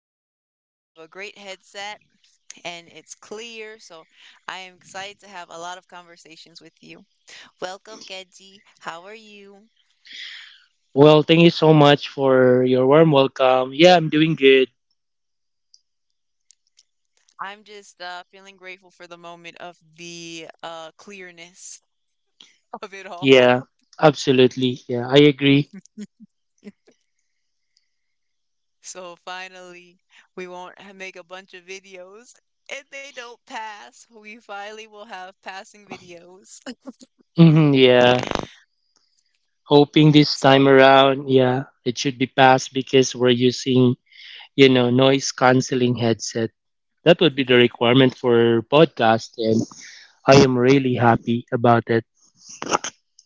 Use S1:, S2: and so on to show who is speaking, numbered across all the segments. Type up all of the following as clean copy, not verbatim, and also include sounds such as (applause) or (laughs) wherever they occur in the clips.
S1: because we have a great headset and it's clear, so I am excited to have a lot of conversations with you. Welcome, Keji. How are you?
S2: Well, thank you so much for your warm welcome. Yeah, I'm doing good.
S1: I'm just feeling grateful for the moment of the clearness (laughs) of it all.
S2: Yeah, absolutely. Yeah, I agree.
S1: So finally, we won't make a bunch of videos. If they don't pass, we finally will have passing videos. (laughs)
S2: Hmm, yeah. Hoping this time
S1: So,
S2: around, yeah, it should be passed because we're using, noise canceling headset. That would be the requirement for podcast, and I am really happy about it.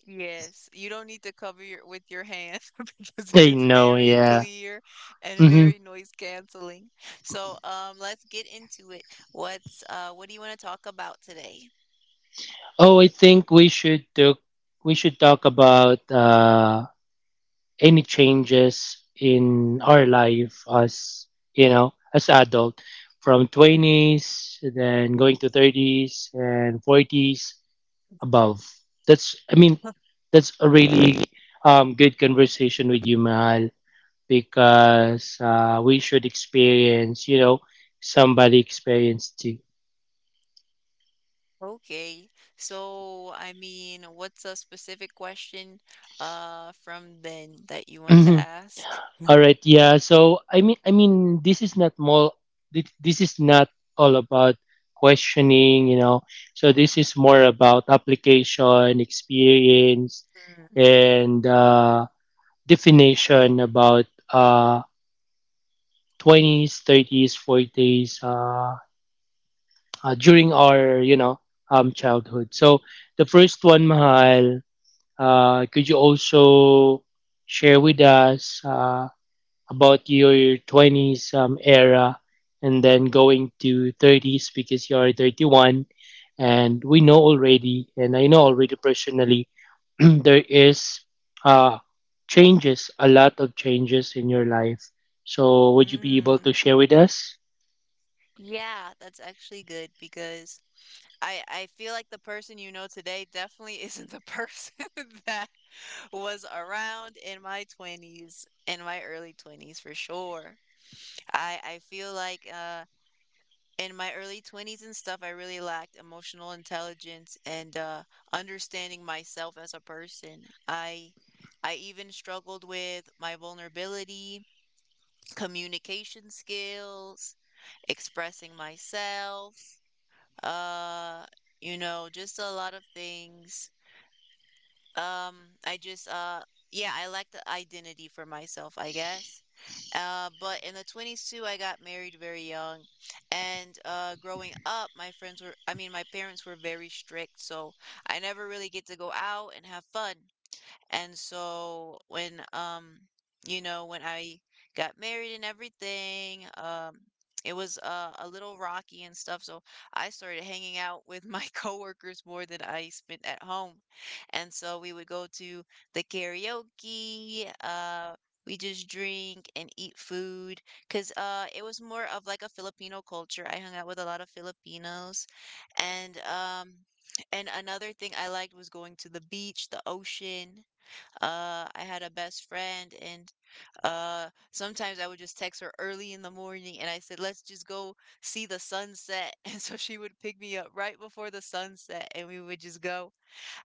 S1: yes, you don't need to cover your with your hand (laughs) because
S2: I
S1: it's
S2: know,
S1: very
S2: yeah.
S1: clear and
S2: Hmm.
S1: very noise canceling. So, let's get into it. What's what do you want to talk about today?
S2: Oh, I think we should talk. We should talk about. Any changes in our life as as adult from 20s then going to 30s and 40s above. That's I mean That's a really good conversation with you, mahal, because we should experience, somebody experienced too.
S1: Okay. So, I mean, what's a specific question from then that you want to ask?
S2: (clears throat) All
S1: (laughs)
S2: right, yeah. This is not more. This is not all about questioning, So this is more about application, experience,
S1: Mhm.
S2: and definition about twenties, thirties, forties. During our, childhood. So the first one, Mahal. Could you also share with us about your 20s era and then going to 30s because you're 31, and we know already and I know already personally. (clears throat) There is uh, changes, a lot of changes in your life, so would you be able to
S1: Mm.
S2: share with us?
S1: Yeah, that's actually good because I feel like the person you know today definitely (laughs) isn't the person (laughs) that was around in my 20s, in my early 20s for sure. I feel like in my early 20s and stuff, I really lacked emotional intelligence and understanding myself as a person. I I even struggled with my vulnerability, communication skills, expressing myself, uh, just a lot of things. I just yeah, I like the identity for myself, I guess. But in the 20s too, I got married very young. And growing up, my friends were I mean, my parents were very strict, so I never really get to go out and have fun. And so when when I got married and everything, it was a little rocky and stuff. So I started hanging out with my (laughs) coworkers more than I spent at home. And so we would go to the karaoke, we just drink and eat food because it was more of like a Filipino culture. I hung out with a lot of Filipinos, and another thing I liked was going to the beach, the ocean. I had a best friend, and sometimes I would just text her early in the morning, and I said, "Let's just go see the sunset." (laughs) And so she would pick me up right before the sunset, and we would just go.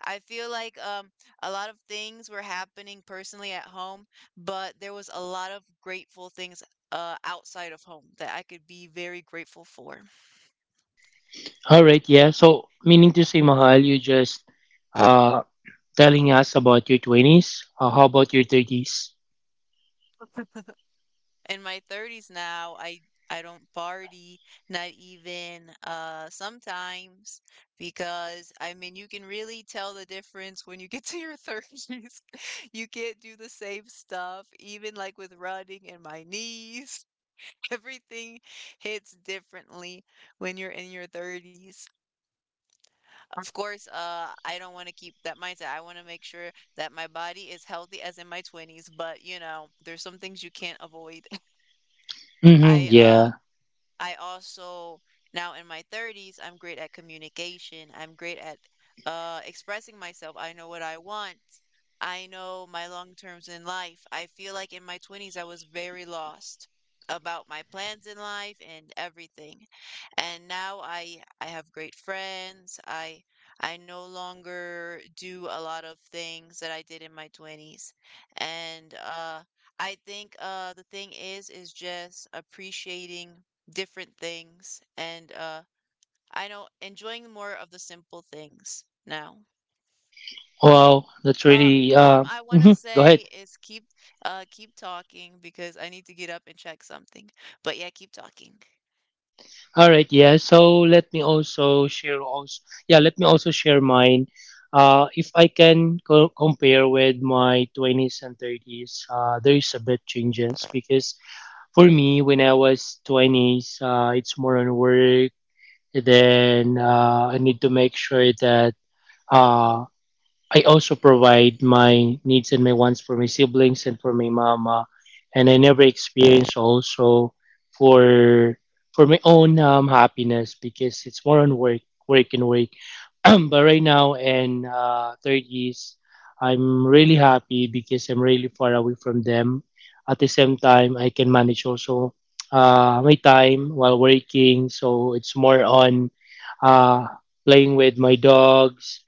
S1: I feel like a lot of things were happening personally at home, but there was a lot of grateful things outside of home that I could be very grateful for.
S2: All right, yeah. So, meaning to say, mahal, you just uh, telling us about your 20s. How about your 30s?
S1: (laughs) In my 30s now, I don't party, not even sometimes because I mean you can really tell the difference when you get (laughs) to your 30s. (laughs) You can't do the same stuff, even like with running and my knees. (laughs) Everything hits differently when you're in your 30s. Of course, I don't want to keep that mindset. I want to make sure that my body is healthy as in my 20s, but you know, there's some things you can't avoid. (laughs)
S2: Mm-hmm,
S1: I uh
S2: yeah.
S1: I also now in my 30s, I'm great at communication. I'm great at expressing myself. I know what I want. I know my long terms in life. I feel like in my 20s I was very lost about my plans in life and everything. And now I have great friends. I no longer do a lot of things that I did in my 20s. And I think the thing is just appreciating different things and I know enjoying more of the simple things now.
S2: Wow, that's
S1: Uh
S2: really
S1: I want to
S2: mhm, go
S1: say
S2: ahead.
S1: is keep keep talking because I need to get up and check something. But yeah, keep talking.
S2: All right, yeah. Let me also share mine. If I can compare with my 20s and 30s, there is a bit changes because for me, when I was 20s, it's more on work. Then I need to make sure that uh, I also provide my needs and my wants for my siblings and for my mama, and I never experience also for for my own happiness, because it's more on work, work and work. (clears throat) But right now in thirties, I'm really happy because I'm really far away from them. At the same time, I can manage also my time while working, so it's more on uh, playing with my dogs.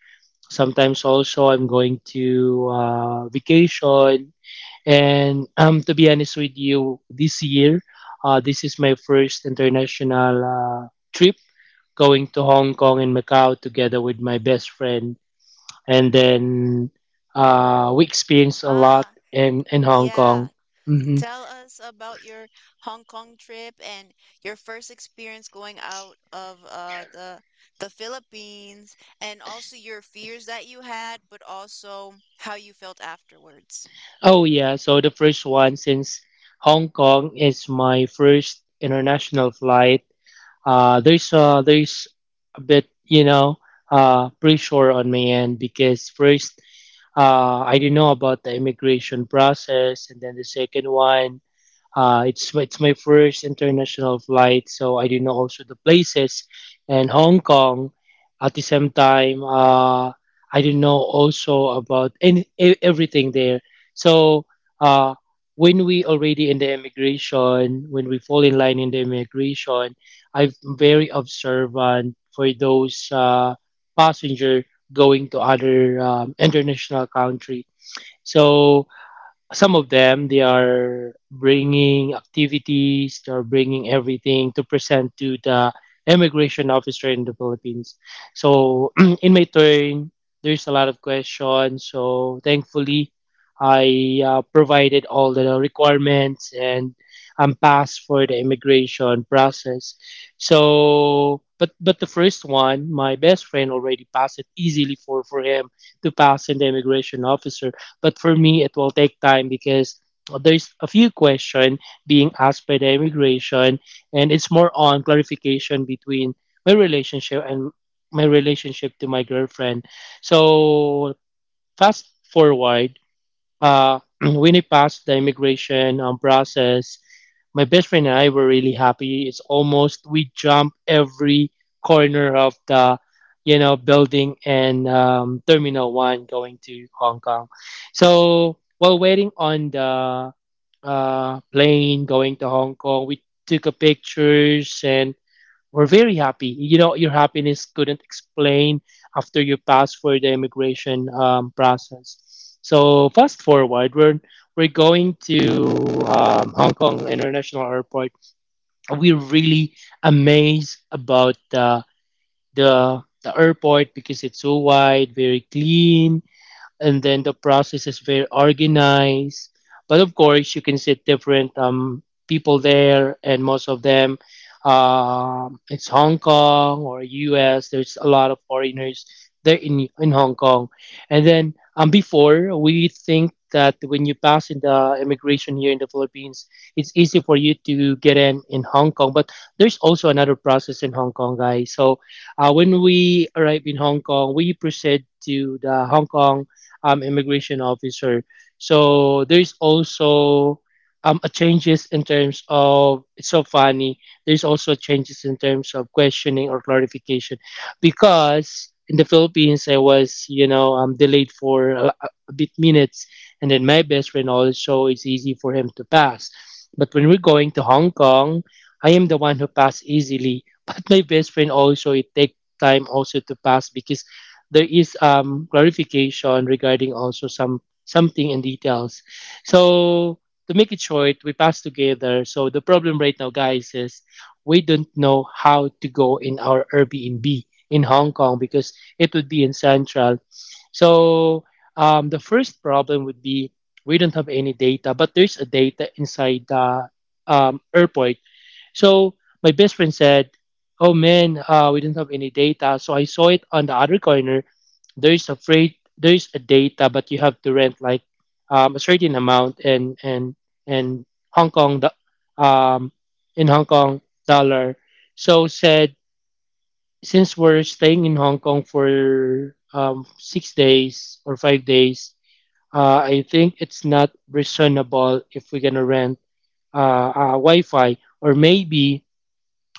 S2: Sometimes also I'm going to vacation. And to be honest with you, this year, this is my first international trip, going to Hong Kong and Macau together with my best friend. And then we experienced a lot
S1: Ah,
S2: in Hong Kong.
S1: yeah.
S2: Hmm.
S1: Tell us about your Hong Kong trip and your first experience going out of the Philippines and also your fears that you had, but also how you felt afterwards.
S2: Oh, yeah. So the first one, since Hong Kong is my first international flight, there's a bit, pressure on my end because first, I didn't know about the immigration process, and then the second one, it's my first international flight, so I didn't know also the places and Hong Kong. At the same time, I didn't know also about any everything there. So uh, when we already in the immigration, when we fall in line in the immigration, I'm very observant for those passenger going to other international country. So some of them, they are bringing activities, they are bringing everything to present to the immigration officer in the Philippines. So (clears throat) in my turn, there's a lot of questions. So thankfully, I provided all the requirements, and I'm passed for the immigration process. So but the first one, my best friend already passed it easily, for him to pass in the immigration officer. But for me, it will take time because there's a few question being asked by the immigration, and it's more on clarification between my relationship and my relationship to my girlfriend. So fast forward, (clears throat) when I passed the immigration process, my best friend and I were really happy. It's almost we jump every corner of the, building and Terminal One going to Hong Kong. So while waiting on the plane going to Hong Kong, we took a pictures and were very happy. You know, your happiness couldn't explain after you passed for the immigration process. So fast forward, we're going to Hong Kong International Airport. We're really amazed about the the airport because it's so wide, very clean, and then the process is very organized. But of course, you can see different people there, and most of them, it's Hong Kong or U.S. There's a lot of foreigners there in Hong Kong, and then before we think that when you pass in the immigration here in the Philippines, it's easy for you to get in Hong Kong. But there's also another process in Hong Kong, guys. So when we arrive in Hong Kong, we proceed to the Hong Kong immigration officer. So there's also a changes in terms of, it's so funny. There's also changes in terms of questioning or clarification, because in the Philippines, I was, delayed for a bit minutes, and then my best friend also, it's easy for him to pass. But when we're going to Hong Kong, I am the one who passed easily. (laughs) But my best friend also, it take time also to pass because there is clarification regarding also some something in details. So to make it short, we pass together. So the problem right now, guys, is we don't know how to go in our Airbnb in Hong Kong because it would be in Central. So the first problem would be, we don't have any data, but there's a data inside the airport. So my best friend said, "Oh man, we don't have any data." So I saw it on the other corner. There is a freight, there is a data, but you have to rent like a certain amount, and Hong Kong, um, in Hong Kong dollar. So said, since we're staying in Hong Kong for 6 days or 5 days, I think it's not reasonable if we're gonna rent uh, Wi-Fi, or maybe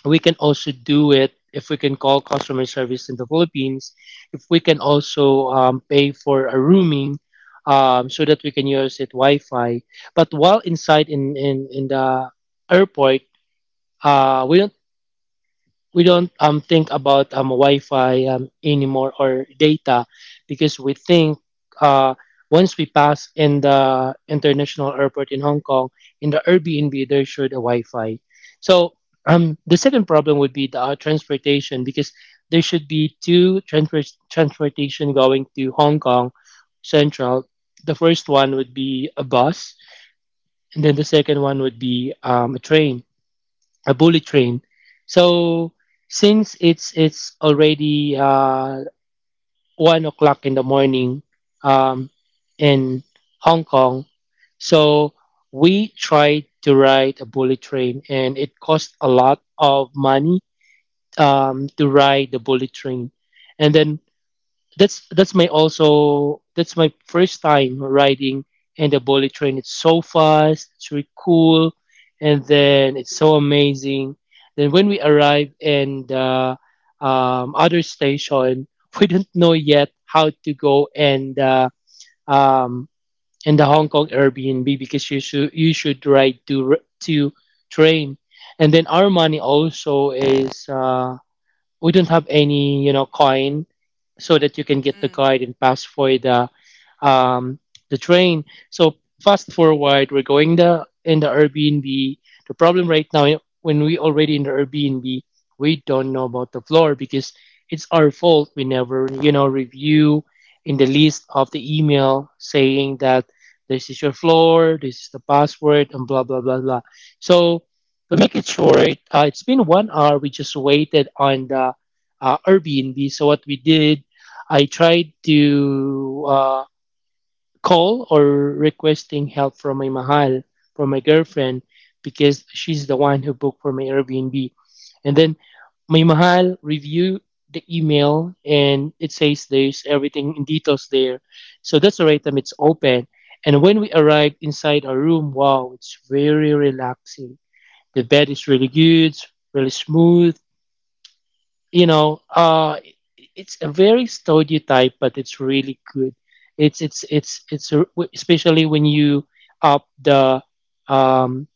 S2: we can also do it if we can call customer service in the Philippines, if we can also pay for a rooming so that we can use it Wi-Fi. But while inside in the airport, uh, we don't we don't think about Wi-Fi anymore or data, because we think uh once we pass in the international airport in Hong Kong, in the Airbnb there should a Wi-Fi. So um, the second problem would be the transportation, because there should be two transportation going to Hong Kong Central. The first one would be a bus, and then the second one would be a train, a bullet train. So since it's already 1 o'clock in the morning um, in Hong Kong, so we tried to ride a bullet train, and it cost a lot of money to ride the bullet train. And then that's my first time riding and the bullet train. It's so fast, it's really cool, and
S1: Mm.
S2: then it's so amazing. Then when we arrive in the other station, (laughs) we don't know yet how to go and um, in the Hong Kong Airbnb, because you should ride to to train, and then our money also is. We don't have any, coin, so that you can get the
S1: Mm.
S2: guide and pass for um, the train. So fast forward, we're going the in the Airbnb. The problem right now, when we already in the Airbnb, we don't know about the floor because it's our fault, we never, review in the list of the email saying that this is your floor, this is the password, and blah blah blah blah. So to make it short, it's been 1 hour. We just waited on the Airbnb. So what we did, I tried to call or requesting help from my mahal, from my girlfriend, because she's the one who booked for my Airbnb. And then my mahal review the email, and it says there's everything in details there. So that's the right time it's open. And when we arrived inside our room, wow, it's very relaxing. The bed is really good, really smooth. You know, it's a very stereotype, but it's really good. It's it's it's it's a- Especially when you up um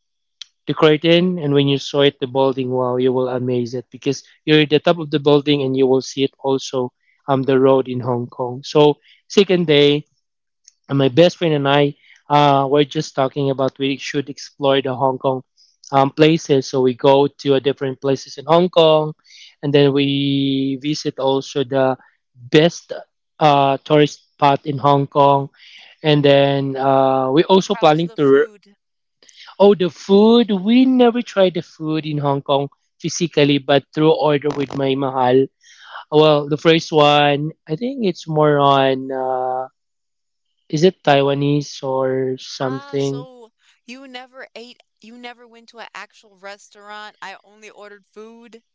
S2: the curtain, and when you saw it the building. Wow, you will amaze it because you're at the top of the building, and you will see it also um, the road in Hong Kong. So second day, and my best friend and I were just talking about we should explore the Hong Kong places. So we go to a different places in Hong Kong, and then we visit also the best tourist spot in Hong Kong. And then we're also
S1: How's
S2: planning
S1: the
S2: to.
S1: food?
S2: Oh, the food! We never tried the food in Hong Kong physically, but through order with my mahal. Well, the first one, I think it's more on. Is it Taiwanese or
S1: Ah,
S2: something?
S1: so you never ate, you never went to an actual restaurant. I only ordered food.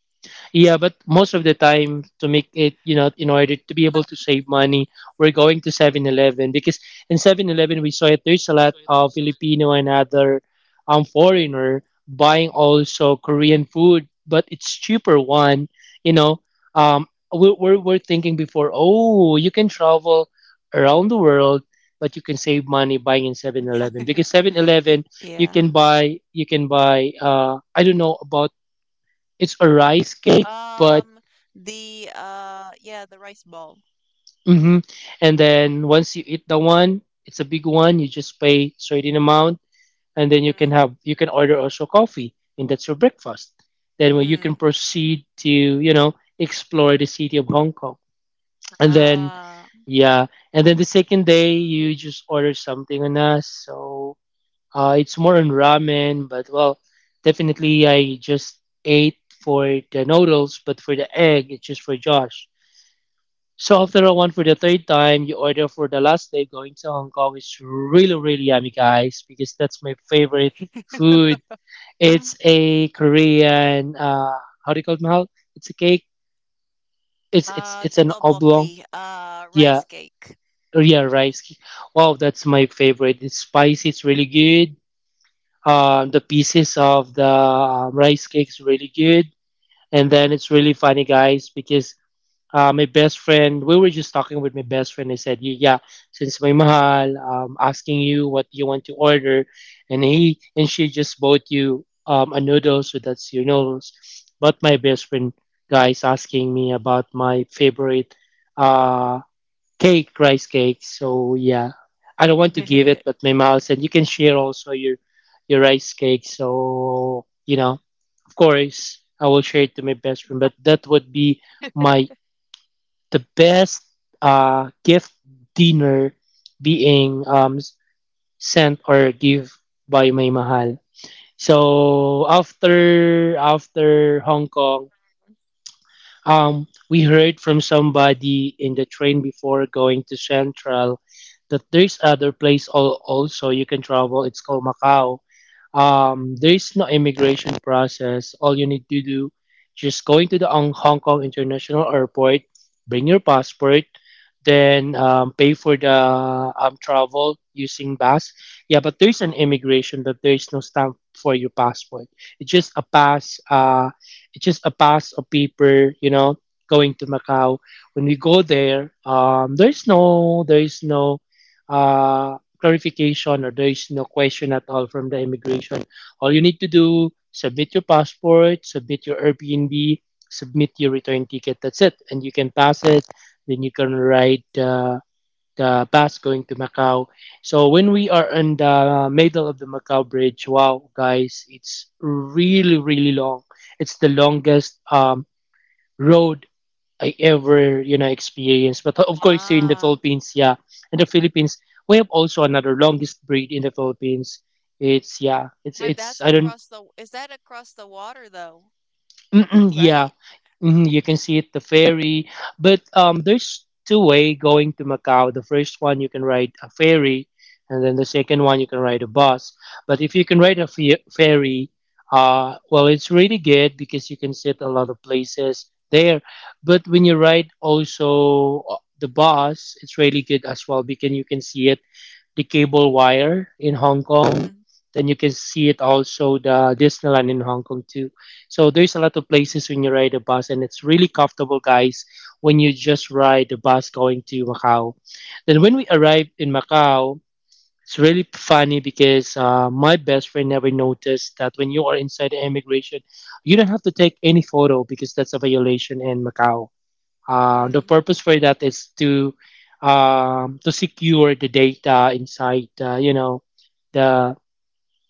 S2: Yeah, but most of the time to make it, in order to be able to save money, we're going to 7-Eleven because in 7-Eleven we saw it there's a lot of Filipino and other foreigner buying also Korean food, but it's cheaper one, you know. Um we're thinking before, oh, you can travel around the world, but you can save money buying in 7-Eleven because
S1: (laughs)
S2: 7-Eleven
S1: Y-
S2: you
S1: Yeah.
S2: can buy I don't know about, it's a rice cake, but.
S1: Um, the yeah, the rice ball.
S2: hmm And then once you eat the one, it's a big one. You just pay certain amount, and then you can
S1: Mm-hmm.
S2: order also coffee, and that's your breakfast. Then when you can
S1: Mm.
S2: proceed to explore the city of Hong Kong, and then,
S1: Ah.
S2: yeah, and then the second day you just order something on us. So it's more on ramen, but well, definitely I just ate for the noodles, but for the egg, it's just for Josh. So after a one for the third time, you order for the last day going to Hong Kong. It's really, really yummy, guys, because that's my favorite food. It's a Korean, how do you call it, Mahal? It's a cake. It's it's it's an oblong.
S1: Totoboki. Ah.
S2: Yeah,
S1: Rice cake.
S2: or yeah, rice cake. Wow, that's my favorite. It's spicy. It's really good. The pieces of the rice cake is really good. And then it's really funny, guys, because my best friend, we were just talking with my best friend. I said, Yeah, since my mahal, asking you what you want to order. And he and she just bought you a noodle, so that's your noodles. But my best friend, guys, asking me about my favorite, uh, cake, rice cake. So yeah, I don't want to give it,
S1: (laughs)
S2: but my mahal said, you can share also your rice cake. So, of course, I will share it to my best friend, but that would be my the best gift dinner being sent or give by may mahal. So after Hong Kong, we heard from somebody in the train before going to Central that there's other place also you can travel. It's called Macau. There's no immigration process. All you need to do, just going to the Hong Kong International Airport, bring your passport, then pay for the travel using bus. Yeah, but there's an immigration that there's no stamp for your passport. It's just a pass. It's just a pass of paper, going to Macau. When we go there, there's no clarification or there's no question at all from the immigration. All you need to do, submit your passport, submit your Airbnb, submit your return ticket. That's it, and you can pass it. Then you can ride, the bus going to Macau. So when we are in the middle of the Macau Bridge, wow, guys, it's really, really long. It's the longest road I ever, experienced. But of course, here in the
S1: Ah.
S2: Philippines, yeah, in the Philippines, we have also another longest bridge in the Philippines. It's, yeah, it's
S1: But
S2: it's
S1: that's
S2: I don't.
S1: across the is that across the water though,
S2: Mm-mm, yeah.
S1: right?
S2: You can see it the ferry, but there's two-way going to Macau. The first one you can ride a ferry, and then the second one you can ride a bus. But if you can ride a ferry, well, it's really good because you can sit a lot of places there. But when you ride also the bus, it's really good as well because you can see it the cable wire in Hong Kong.
S1: Mm.
S2: Then you can see it also the Disneyland in Hong Kong too. So there's a lot of places when you ride a bus, and it's really comfortable, guys, when you just ride the bus going to Macau. Then when we arrived in Macau, it's really funny because my best friend never noticed that when you are inside the immigration, you don't have to take any photo because that's a violation in Macau. The
S1: Mm.
S2: purpose for that is to secure the data inside, the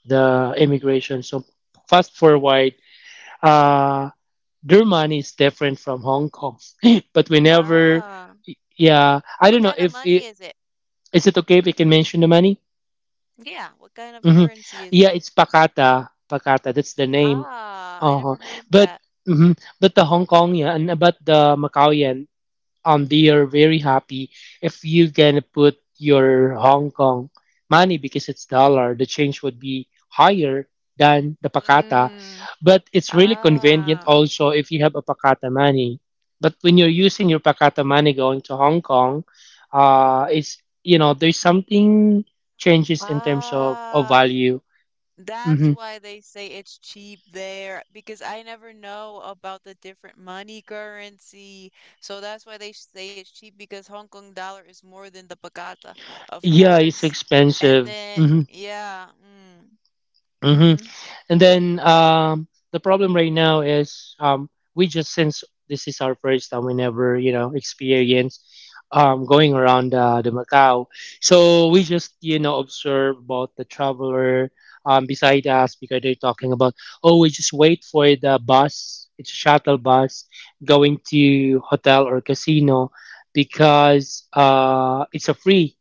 S2: the immigration. So, fast forward, uh, their money is different from Hong Kong, (laughs) but whenever,
S1: Ah.
S2: yeah, I
S1: What
S2: don't know
S1: kind of
S2: if
S1: money
S2: it,
S1: is it?
S2: is it okay if I can mention the money?
S1: Yeah, what kind of
S2: Hmm.
S1: currency is
S2: Yeah,
S1: it?
S2: it's Pakata, Pakata. That's the name.
S1: Ah, I
S2: Uh-huh.
S1: never heard of
S2: But,
S1: that.
S2: mhm, but the Hong Kong, yeah, and but the Macau, yeah, they are very happy if you can put your Hong Kong money because it's dollar, the change would be higher than the pakata,
S1: Mm.
S2: but it's really convenient
S1: Ah,
S2: also if you have a pakata money. But when you're using your pakata money going to Hong Kong, it's, there's something changes in terms of
S1: ah,
S2: value.
S1: that's
S2: Hmm,
S1: why they say it's cheap there because I never know about the different money currency. So that's why they say it's cheap because Hong Kong dollar is more than the Pakata, of
S2: yeah, it's
S1: course. And
S2: expensive.
S1: then,
S2: Hmm.
S1: yeah, mm,
S2: Hmm.
S1: mm-hmm.
S2: And then, the problem right now is, we just, since this is our first time, we never experience going around, the Macau. So we just observe about the traveler beside us because they're talking about, oh, we just wait for the bus. It's a shuttle bus going to hotel or casino because it's a free.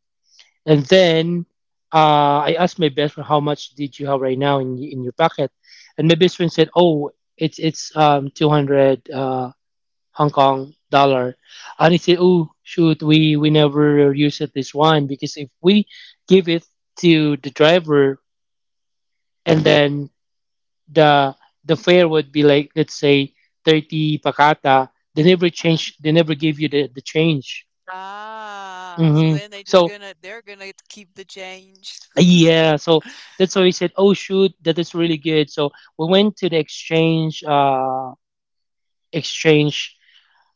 S2: And then I asked my best friend, "How much did you have right now in in your pocket?" And my best friend said, "Oh, it's 200 Hong Kong dollar." And he said, "Oh shoot, we never use it this one because if we give it to the driver, and then the the fare would be like, let's say, 30 pakata, they never
S1: Mm.
S2: change, they never give you the change."
S1: Ah, so
S2: Hmm.
S1: then
S2: So,
S1: they're gonna keep the change.
S2: yeah, so
S1: (laughs)
S2: that's why we said, "Oh shoot, that is really good." So we went to the exchange, exchange,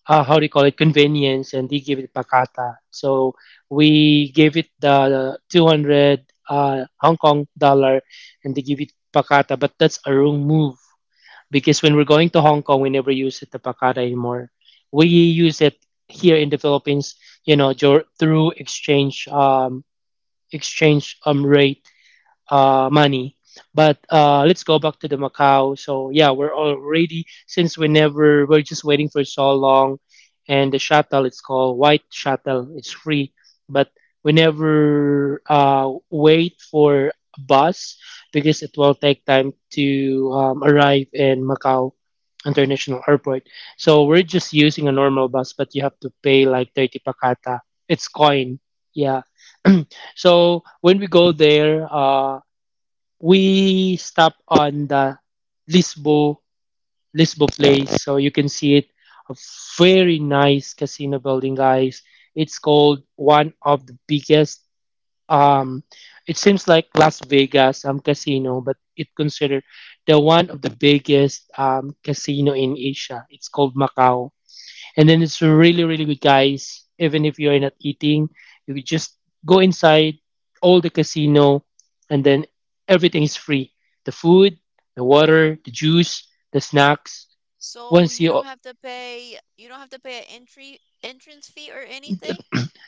S2: how do you call it, convenience, and they gave it pakata. So we gave it the 200 Hong Kong dollar, and they give it pakata. But that's a wrong move because when we're going to Hong Kong, we never use it the pakata anymore. We use it here in the Philippines, through exchange rate, money. But, let's go back to the Macau. So, yeah, we're already, since we never, we're just waiting for so long, and the shuttle, it's called White Shuttle. It's free, but we never wait for a bus because it will take time to arrive in Macau International Airport. So we're just using a normal bus, but you have to pay like 30 pakata. It's coin, yeah. (clears throat) So when we go there, we stop on the Lisbo Lisbo place, so you can see it. A very nice casino building, guys. It's called one of the biggest. Um, it seems like Las Vegas casino, but it considered the one of the biggest casino in Asia. It's called Macau, and then it's really, really good, guys, even if you're not eating, you could just go inside all the casino, and then everything is free: the food, the water, the juice, the snacks.
S1: So
S2: Once you,
S1: you don't have to pay an entry entrance fee or anything?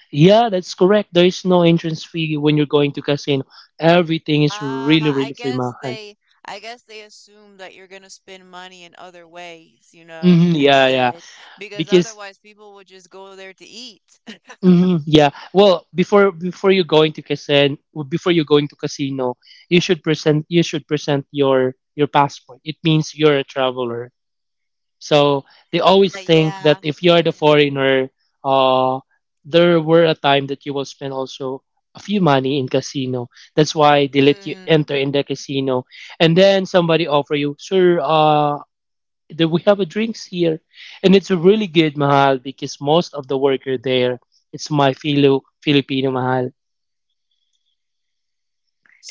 S2: yeah, that's correct, there is no entrance fee when you're going to casino, everything is really,
S1: Ah,
S2: really free, mahal.
S1: I guess they assume that you're gonna spend money in other ways, you
S2: Hmm,
S1: know,
S2: yeah, yeah.
S1: instead. Because
S2: Because,
S1: otherwise people would just go there to eat. (laughs)
S2: hmm, yeah. Well, before you go into casino, before you go into casino, you should present your passport. It means you're a traveler. So they always think
S1: Yeah.
S2: that if you are the
S1: Hmm.
S2: foreigner, uh, there were a time that you will spend also a few money in casino. That's why they let you
S1: Mm.
S2: enter in the casino, and then somebody offer you, sir. That we have a drinks here, and it's a really good, mahal, because most of the worker there, it's my fellow filipino, mahal.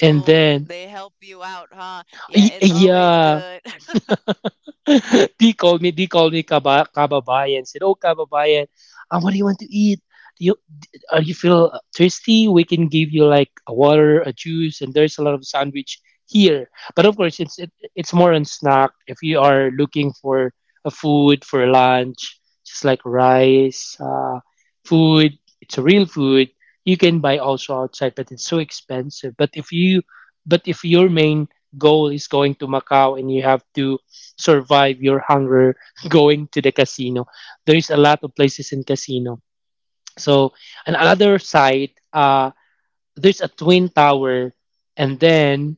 S2: And then,
S1: they help you out, huh? Yeah, it's always
S2: yeah,
S1: good. (laughs)
S2: (laughs) they called me kababayan, said, "Oh, kababayan, what do you want to eat? Do you?" You feel thirsty, we can give you like a water, a juice, and there's a lot of sandwich here. But of course, it's more on snack. If you are looking for a food for lunch, just like rice, food, it's a real food. You can buy also outside, but it's so expensive. But if you, but if your main goal is going to Macau and you have to survive your hunger (laughs) going to the casino, there is a lot of places in casino so on another side, there's a twin tower, and then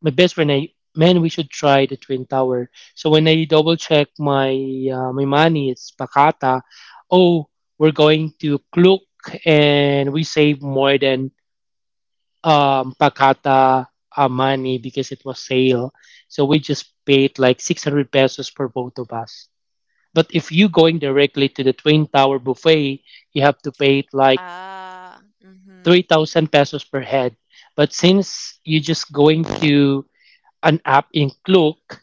S2: my best friend, I, man, we should try the twin tower. So when I double check my my money, it's Pakata. Oh, we're going to Kluk, and we save more than Pakata money because it was sale. So we just paid like 600 pesos for both of us. But if you going directly to the twin tower buffet, you have to pay it like
S1: Ah, mm-hmm.
S2: 3,000 pesos per head. But since you just going to an app in Klook,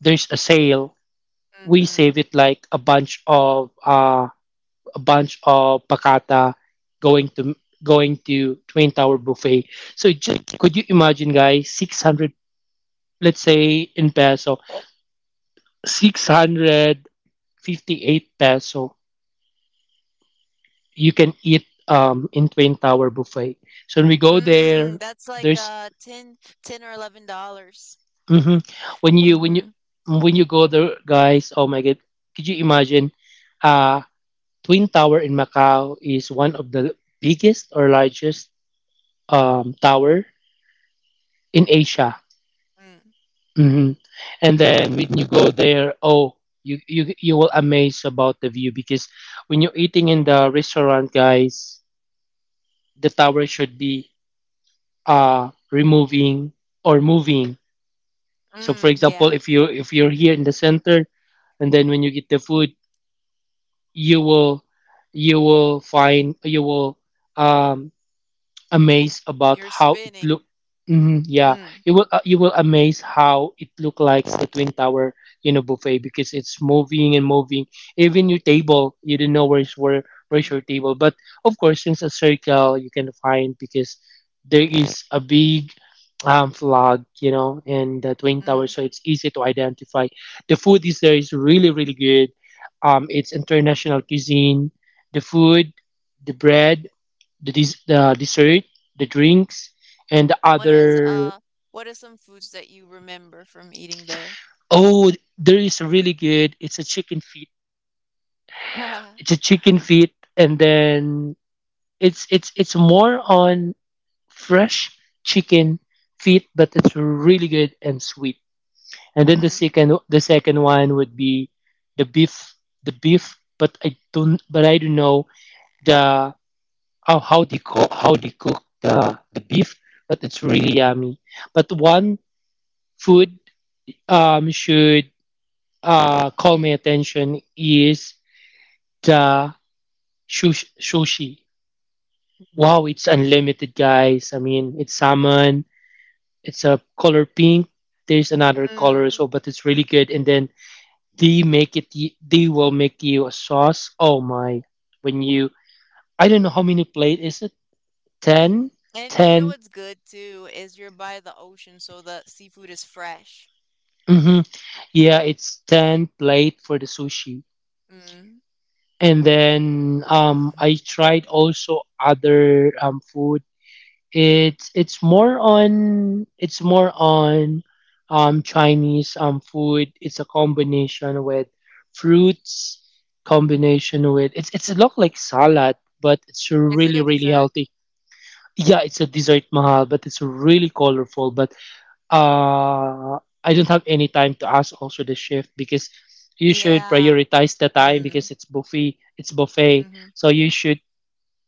S2: there's a sale. We
S1: Mm-hmm.
S2: save it like a bunch of pakata going to going to Twin Tower buffet. So just could you imagine, guys? 600, let's say in peso, 658 peso. You can eat in Twin Tower buffet. So when we go
S1: Mm,
S2: there,
S1: that's like
S2: there's
S1: $10 or $11.
S2: hmm. When you when you
S1: Mm-hmm.
S2: when you go there, guys, oh my god, could you imagine? Uh Twin Tower in Macau is one of the biggest or largest tower in Asia.
S1: Mm,
S2: Hmm. And
S1: mhm.
S2: then when you go there, oh, you will amaze about the view because when you're eating in the restaurant, guys, the tower should be removing or moving. So for
S1: Mm, yeah,
S2: example, if you if you're here in the center and then when you get the food you will you will find you will um, amazed about
S1: you're
S2: how it
S1: spinning.
S2: looked. Mhm, yeah,
S1: Mm,
S2: you will amazed how it looked like the twin tower, you know, buffet because it's moving and moving. Even your table, you don't know where's where where's
S1: mm,
S2: your table. But of course, since a circle, you can find because there is a big flag, you know, and the twin tower,
S1: mm.
S2: so it's easy to identify. The food is there is really really good. It's international cuisine. The food, the bread the dessert, the drinks, and the
S1: What is
S2: other.
S1: what are some foods that you remember from eating there?
S2: Oh, there is a really good. It's a chicken feet.
S1: (laughs)
S2: It's a chicken feet, and then it's more on fresh chicken feet, but it's really good and sweet. And then
S1: Mm.
S2: the second one would be the beef the beef, but I don't know the how they cook the beef, but it's really yummy. But one food should call my attention is the sushi.
S1: (laughs) Yeah.
S2: Wow, it's unlimited, guys. I mean, it's salmon, it's a color pink. There's another
S1: Mm.
S2: color as well, but it's really good. And then they will make you a sauce. Oh my, when you, I don't know how many plate is it? 10?
S1: And you know
S2: 10.
S1: what's good too is you're by the ocean, so the seafood is fresh.
S2: Mm-hmm. Yeah, it's 10 plate for the sushi.
S1: Mm.
S2: And then I
S1: (laughs)
S2: tried also other food. It's more on Chinese food. It's a combination with fruits, combination with it's a look like salad, but it's
S1: Is it a
S2: really really
S1: dessert?
S2: healthy. Yeah, it's a dessert mahal, but it's really colorful. But uh, I don't have any time to ask also the chef because you should
S1: Yeah.
S2: prioritize the time
S1: Mm.
S2: because it's buffet. It's buffet,
S1: Mm-hmm.
S2: so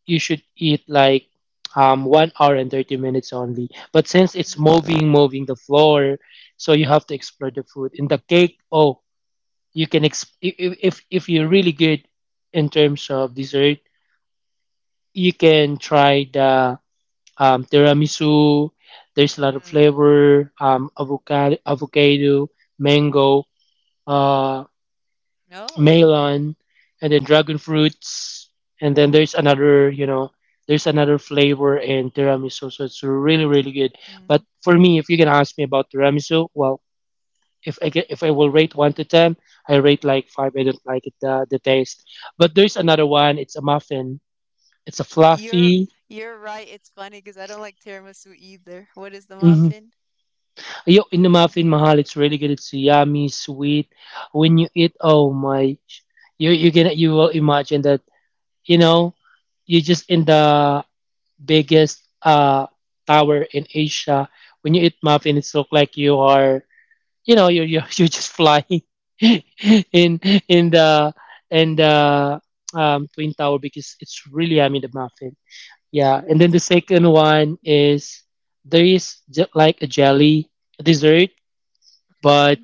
S2: you should eat like 1 hour and 30 minutes only. But since
S1: Mm-hmm.
S2: it's Yeah. moving, moving the floor, so you have to explore the food. In the cake, oh, if, you're really good in terms of dessert, you can try the tiramisu. There's a lot of
S1: Mm.
S2: flavor, avocado, mango. Uh,
S1: No.
S2: melon, and then dragon fruits, and then there's another, you know, there's another flavor in tiramisu. So it's really, really good.
S1: Mm.
S2: But for me, if you're gonna ask me about tiramisu, well, if I will rate one to ten, I rate like five. I don't like it the taste. But there's another one. It's a muffin. It's a
S1: You're
S2: fluffy.
S1: you're right. It's funny because I don't like tiramisu either. What is the
S2: Hmm.
S1: muffin?
S2: Yo, in the muffin mahal, it's really good. It's yummy, sweet. When you eat, oh my, you will imagine that you know you're just in the biggest tower in Asia. When you eat muffin, it's look like you are, you know, you (laughs) you're just flying (laughs) in in the in the twin tower because it's really yummy the muffin. Yeah, and then the second one is there is like a jelly dessert, but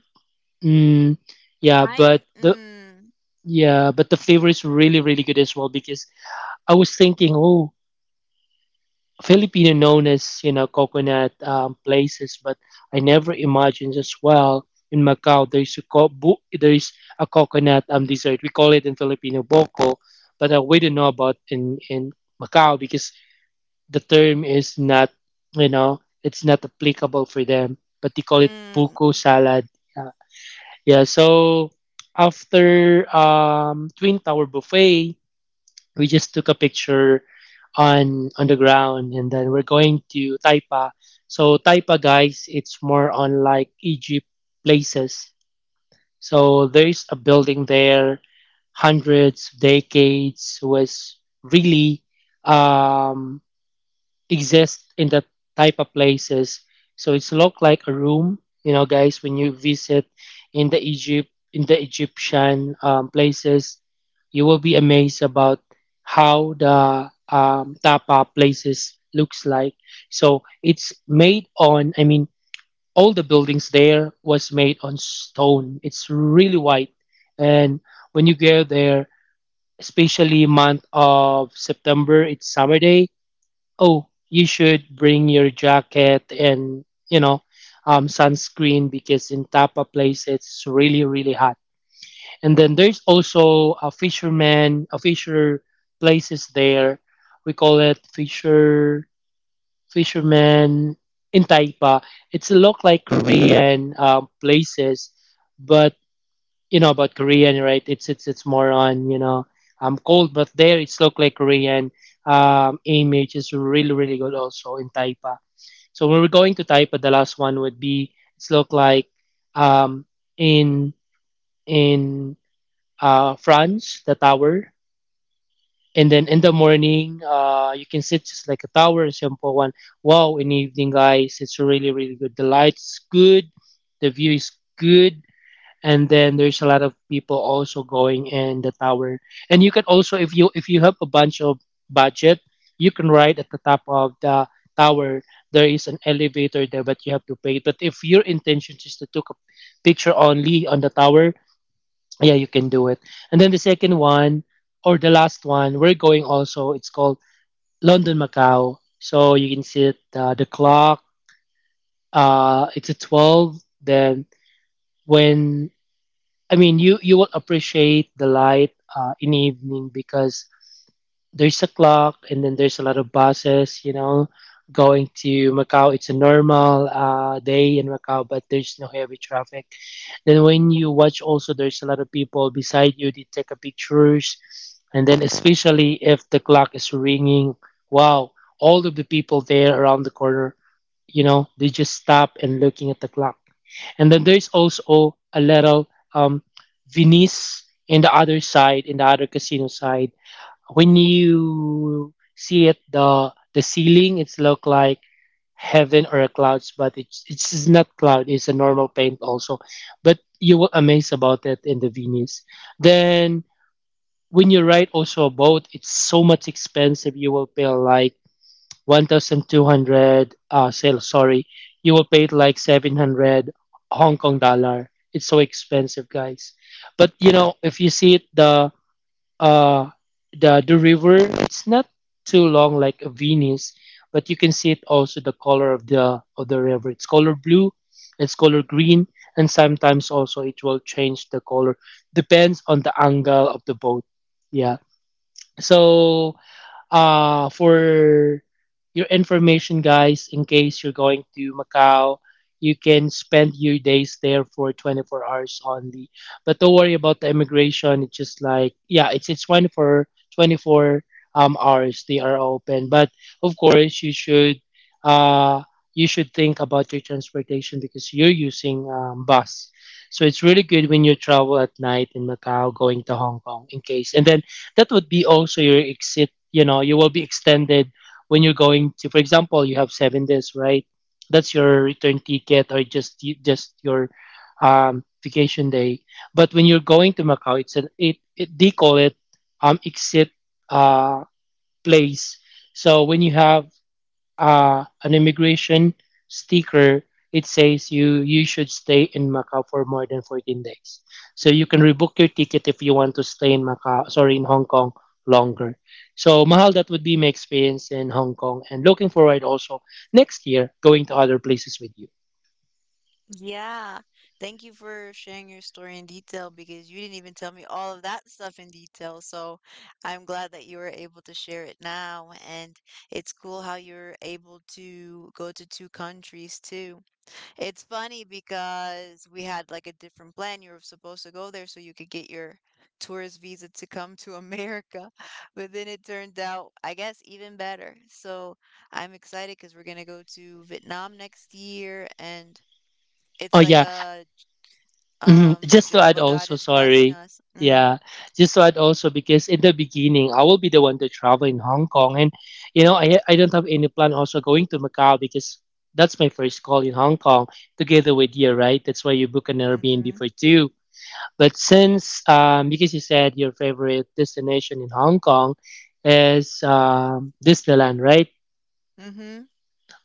S2: mm, yeah,
S1: Mine,
S2: but the
S1: mm,
S2: yeah, but the flavor is really really good as well because I was thinking, oh. Filipino known as you know coconut places, but I never imagined as well in Macau there's a there's a coconut dessert. We call it in Filipino boko, but we don't know about in Macau because the term is not you know it's not applicable for them. But they call it
S1: mm,
S2: buko salad. Yeah, yeah. So after Twin Tower buffet we just took a picture on the ground and then we're going to Taipa. So Taipa guys, it's more on like Egypt places. So there's a building there hundreds decades was really um exist in that type of places. So it's look like a room, you know, guys, when you visit in the Egyptian places, you will be amazed about how the tapa places looks like. So it's made on, I mean, all the buildings there was made on stone. It's really white, and when you go there, especially month of September, it's summer day oh, you should bring your jacket and, you know, sunscreen because in Tapa place it's really, really hot. And then there's also a fisher places there. We call it fisherman in Taipa. It's look like Korean places, but you know about Korean, right? It's it's more on you know cold, but there it's look like Korean. Image is really really good also in Taipa. So when we're going to Taipa, the last one would be it's look like um in in France the tower, and then in the morning you can sit just like a tower, a simple one. Wow, in the evening guys, it's really really good. The lights good, the view is good and then there's a lot of people also going in the tower and you can also if you have a bunch of budget you can ride at the top of the tower. There is an elevator there but you have to pay. But if your intention is to take a picture only on the tower, yeah you can do it. And then the second one or the last one we're going also, it's called London Macau. So you can see it, the clock, it's a 12. Then when I mean, you will appreciate the light in evening because there's a clock, and then there's a lot of buses. You know, going to Macau, it's a normal day in Macau, but there's no heavy traffic. Then when you watch, also there's a lot of people beside you. They take a pictures, and then especially if the clock is ringing, wow! All of the people there around the corner, you know, they just stop and looking at the clock. And then there's also a little um, Venice in the other side, in the other casino side. When you see it, the ceiling, it's look like heaven or a clouds, but it's not cloud. It's a normal paint also. But you will amaze about it in the Venice. Then when you ride also a boat, it's so much expensive. You will pay like 1,200. You will pay it like 700 Hong Kong dollar. It's so expensive, guys. But you know, if you see it, the uh, the river, it's not too long like Venice, but you can see it also the color of the river. It's color blue, it's color green, and sometimes also it will change the color depends on the angle of the boat. Yeah. So for your information, guys, in case you're going to Macau, you can spend your days there for 24 hours only. But don't worry about the immigration. It's just like, yeah, it's 24 hours they are open. But of course, you should. Uh, you should think about your transportation because you're using bus. So it's really good when you travel at night in Macau going to Hong Kong in case. And then that would be also your exit, you know, you will be extended. When you're going to, for example, you have 7 days, right? That's your return ticket or just your vacation day. But when you're going to Macau, it they call it exit uh place. So when you have an immigration sticker, it says you should stay in Macau for more than 14 days. So you can rebook your ticket if you want to stay in Hong Kong longer. So Mahal, that would be my experience in Hong Kong, and looking forward also next year going to other places with you.
S1: yeah. Thank you for sharing your story in detail because you didn't even tell me all of that stuff in detail. So I'm glad that you were able to share it now. And it's cool how you're able to go to two countries too. It's funny because we had like a different plan. You were supposed to go there so you could get your tourist visa to come to America, (laughs) but then it turned out, I guess, even better. So I'm excited because we're gonna go to Vietnam next year, and it's
S2: Oh
S1: like
S2: yeah.
S1: a
S2: Mhm. Just to add
S1: Jehovah God
S2: also,
S1: is blessing
S2: sorry.
S1: us. Mm,
S2: Yeah. Just to add also, because in the beginning I will be the one to travel in Hong Kong and I don't have any plan also going to Macau because that's my first call in Hong Kong together with you, right? That's why you book an
S1: mm-hmm,
S2: Airbnb for two. But since because you said your favorite destination in Hong Kong is Disneyland, right?
S1: mm-hmm.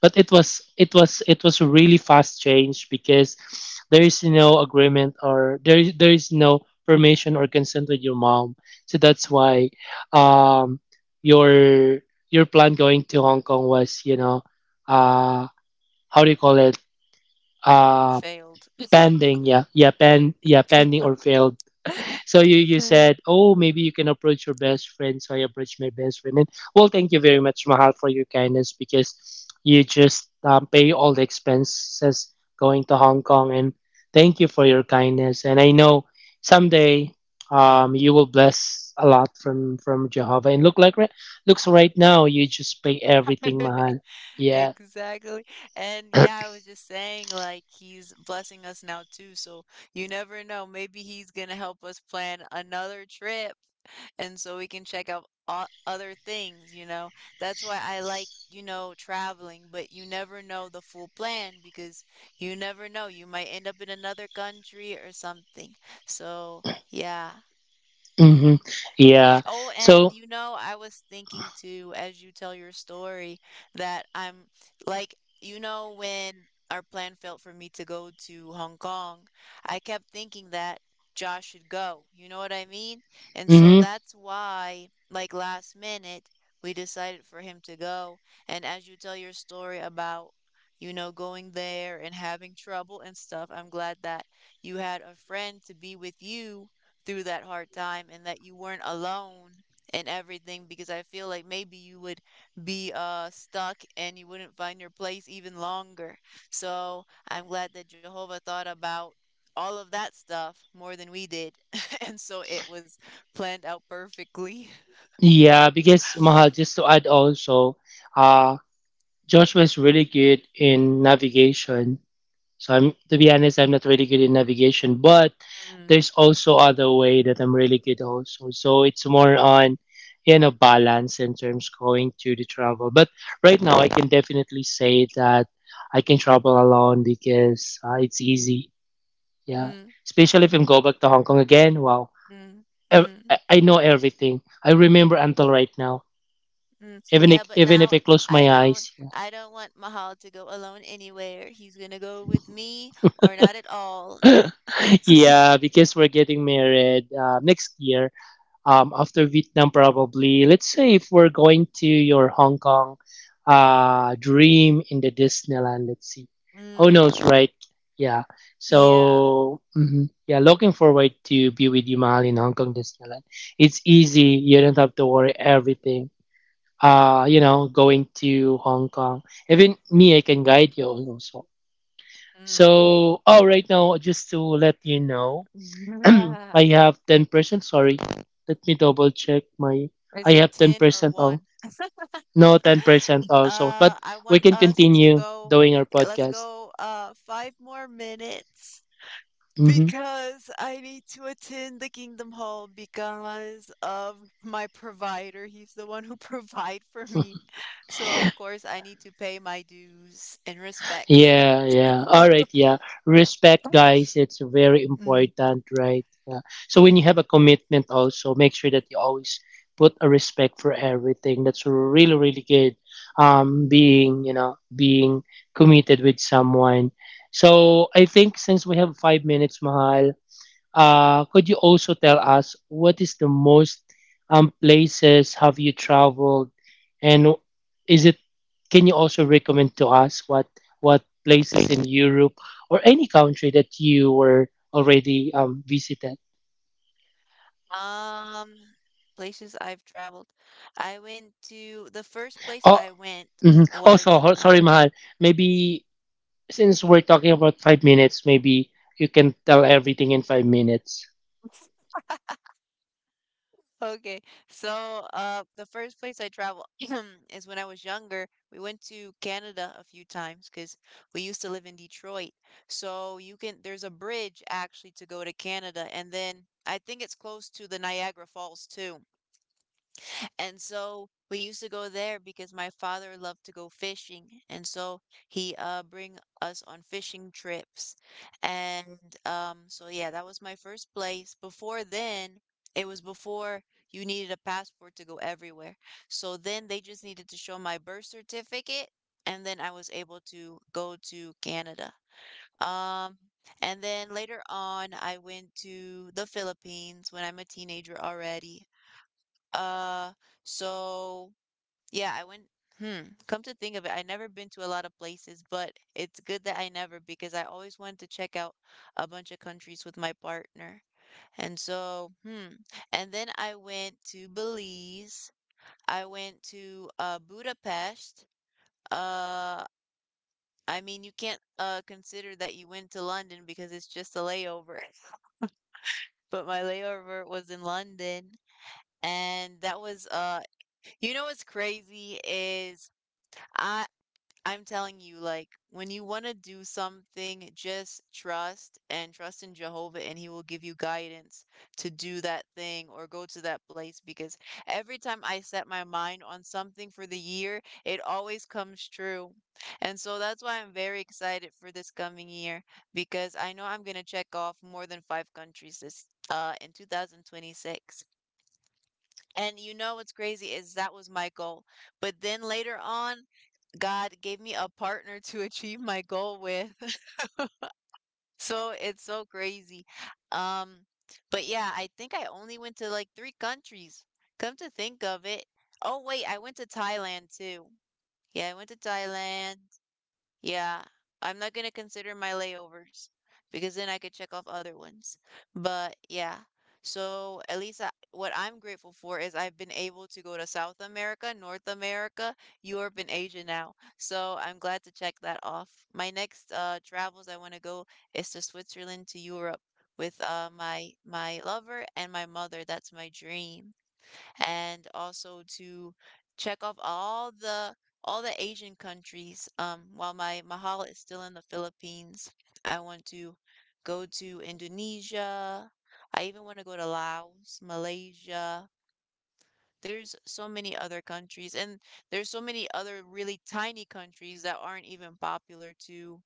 S2: But it was a really fast change because there is no agreement, or there is no permission or consent with your mom, so that's why um your your plan going to Hong Kong was you know uh how do you call it uh
S1: Failed.
S2: pending. Yeah, pending or failed. So you said, oh, maybe you can approach your best friend. So I approached my best friend, and well, thank you very much, Mahal, for your kindness, because you just pay all the expenses going to Hong Kong, and thank you for your kindness. And I know someday you will bless a lot from Jehovah. And look like looks right now you just pay everything, Mahal.
S1: (laughs)
S2: Yeah.
S1: Exactly. And yeah, I was just saying, like, he's blessing us now too. So you never know. Maybe he's gonna help us plan another trip. And so we can check out other things, you know? That's why I like, you know, traveling, but you never know the full plan because you never know. You might end up in another country or something. So yeah.
S2: Mm-hmm. Yeah.
S1: Oh, and
S2: So.
S1: you know, I was thinking too, as you tell your story, that like, you know, when our plan failed for me to go to Hong Kong, I kept thinking that Josh should go. You know what I mean? And so
S2: Mm-hmm.
S1: that's why, like last minute, we decided for him to go. And as you tell your story about, you know, going there and having trouble and stuff, I'm glad that you had a friend to be with you through that hard time and that you weren't alone and everything because I feel like maybe you would be stuck and you wouldn't find your place even longer. So I'm glad that Jehovah thought about all of that stuff more than we did. (laughs) And so it was planned out perfectly.
S2: Yeah, because Mahal, just to add also, uh, Joshua is really good in navigation. So I'm, to be honest, I'm not really good in navigation, but
S1: Mm,
S2: there's also other way that I'm really good also. So it's more on you know balance in terms going to the travel. But right now I can definitely say that I can travel alone because it's easy. Yeah,
S1: mm,
S2: especially if I am go back to Hong Kong again. Wow,
S1: mm,
S2: Ev-
S1: mm,
S2: I I know everything. I remember until right now.
S1: mm.
S2: Even
S1: Yeah,
S2: if
S1: but
S2: even
S1: now
S2: if I close
S1: I
S2: my
S1: don't
S2: eyes. Yeah.
S1: I don't want Mahal to go alone anywhere. He's gonna go with me or not at all.
S2: (laughs) yeah, because we're getting married next year. After Vietnam, probably. Let's say if we're going to your Hong Kong, dream in the Disneyland. Let's see. Who knows,
S1: Mm,
S2: right? Yeah.
S1: yeah.
S2: So mhm. Yeah, looking forward to be with you, Mahal, in Hong Kong Disneyland. It's easy. You don't have to worry everything. You know, going to Hong Kong. Even me, I can guide you also.
S1: Mm.
S2: So, oh, right now, just to let you know, (clears throat)
S1: (laughs)
S2: I have 10%, sorry. Let me double check my I
S1: Is it
S2: have
S1: 10 or
S2: 10% all.
S1: 1? (laughs)
S2: No, 10% also. But
S1: I
S2: we
S1: want
S2: can
S1: us to
S2: continue
S1: go,
S2: doing our
S1: let's
S2: podcast.
S1: go five more minutes
S2: Mm-hmm.
S1: because I need to attend the Kingdom Hall because of my provider. He's the one who (laughs) provide for me. So of course I need to pay my dues and respects.
S2: Yeah, yeah. All right, yeah. Respect,
S1: (laughs)
S2: guys. It's very
S1: Mhm.
S2: important, right? Yeah. So when you have a commitment, also make sure that you always put a respect for everything. That's really, really good. Being you know being committed with someone. So I think since we have 5 minutes, Mahal, could you also tell us what is the most places have you traveled, and is it? Can you also recommend to us what places in Europe or any country that you were already visited?
S1: Um, Places I've traveled. I went to the first place
S2: Oh,
S1: I went
S2: mhm. Also,
S1: was
S2: sorry, Mahal. Maybe since we're talking about 5 minutes, maybe you can tell everything in 5 minutes.
S1: (laughs) Okay. So the first place I traveled (clears throat) is when I was younger. We went to Canada a few times because we used to live in Detroit. So you can there's a bridge actually to go to Canada and then I think it's close to the Niagara Falls too. And so we used to go there because my father loved to go fishing, and so he bring us on fishing trips. And so yeah, that was my first place. Before then, it was before you needed a passport to go everywhere. So then they just needed to show my birth certificate, and then I was able to go to Canada. Um and then later on, I went to the Philippines when I'm a teenager already. Uh, so yeah, I went. Hmm. Come to think of it, I never been to a lot of places, but it's good that I never because I always wanted to check out a bunch of countries with my partner. And so, hmm. And then I went to Belize. I went to Budapest. Uh, I mean, you can't consider that you went to London because it's just a layover. (laughs) But my layover was in London, and that was uh, you know what's crazy is I I'm telling you, like when you want to do something, just trust and trust in Jehovah, and He will give you guidance to do that thing or go to that place. Because every time I set my mind on something for the year, it always comes true. And so that's why I'm very excited for this coming year because I know I'm gonna check off more than five countries this in 2026. And you know what's crazy is that was my goal. But then later on, God gave me a partner to (laughs) achieve my goal with. (laughs) So it's so crazy. Um, but yeah, I think I only went to like three countries. Come to think of it. Oh, wait, I went to Thailand too. Yeah, I went to Thailand. Yeah, I'm not gonna consider my layovers because then I could check off other ones. But yeah, so at least what I'm grateful for is I've been able to go to South America, North America, Europe, and Asia now. So I'm glad to check that off. My next travels I want to go is to Switzerland to Europe with my lover and my mother. That's my dream and also to check off all the Asian countries. While my mahal is still in the Philippines, I want to go to Indonesia. I even want to go to Laos, Malaysia. There's so many other countries, and there's so many other really tiny countries that aren't even popular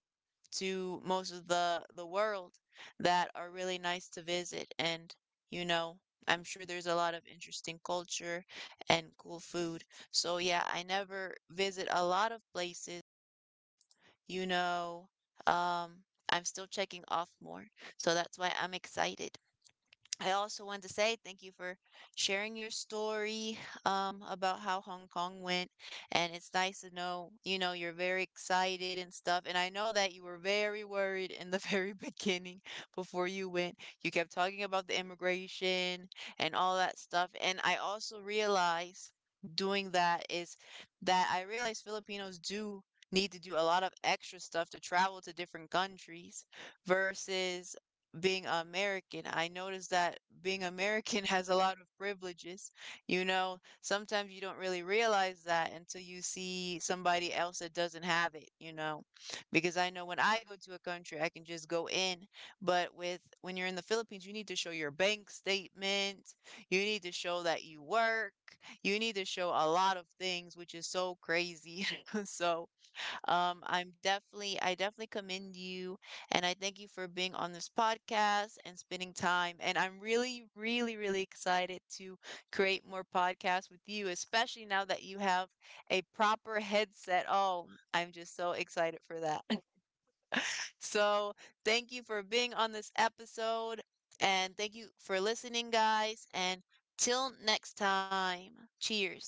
S1: to most of the world that are really nice to visit and you know I'm sure there's a lot of interesting culture and cool food. So yeah, I never visit a lot of places, you know. Um, I'm still checking off more. So that's why I'm excited. I also wanted to say thank you for sharing your story (sighs) about how Hong Kong went. And it's nice to know, you know, you're very excited and stuff. And I know that you were very worried in the (laughs) very beginning before you went. You kept talking about the immigration and all that stuff. And I also realized doing that is that I realized Filipinos do need to do a lot of extra stuff to travel to different countries versus being American. I noticed that being American (laughs) has a lot of privileges. You know, sometimes you don't really realize that until you see somebody else that doesn't have it, you know. Because I know when I go to a country, I can just go in, but with when you're in the Philippines, you need to show your bank statement, you need to show that you work, you need to show a lot of things, which is so crazy. (laughs) So, I definitely commend you, and I thank you for being on this podcast and spending time. And I'm really, really, really excited to create more podcasts with you, especially now that you have a proper headset. Oh, I'm just so excited for that. (laughs) So, thank you for being on this episode, and thank you for listening, guys. And till next time, cheers.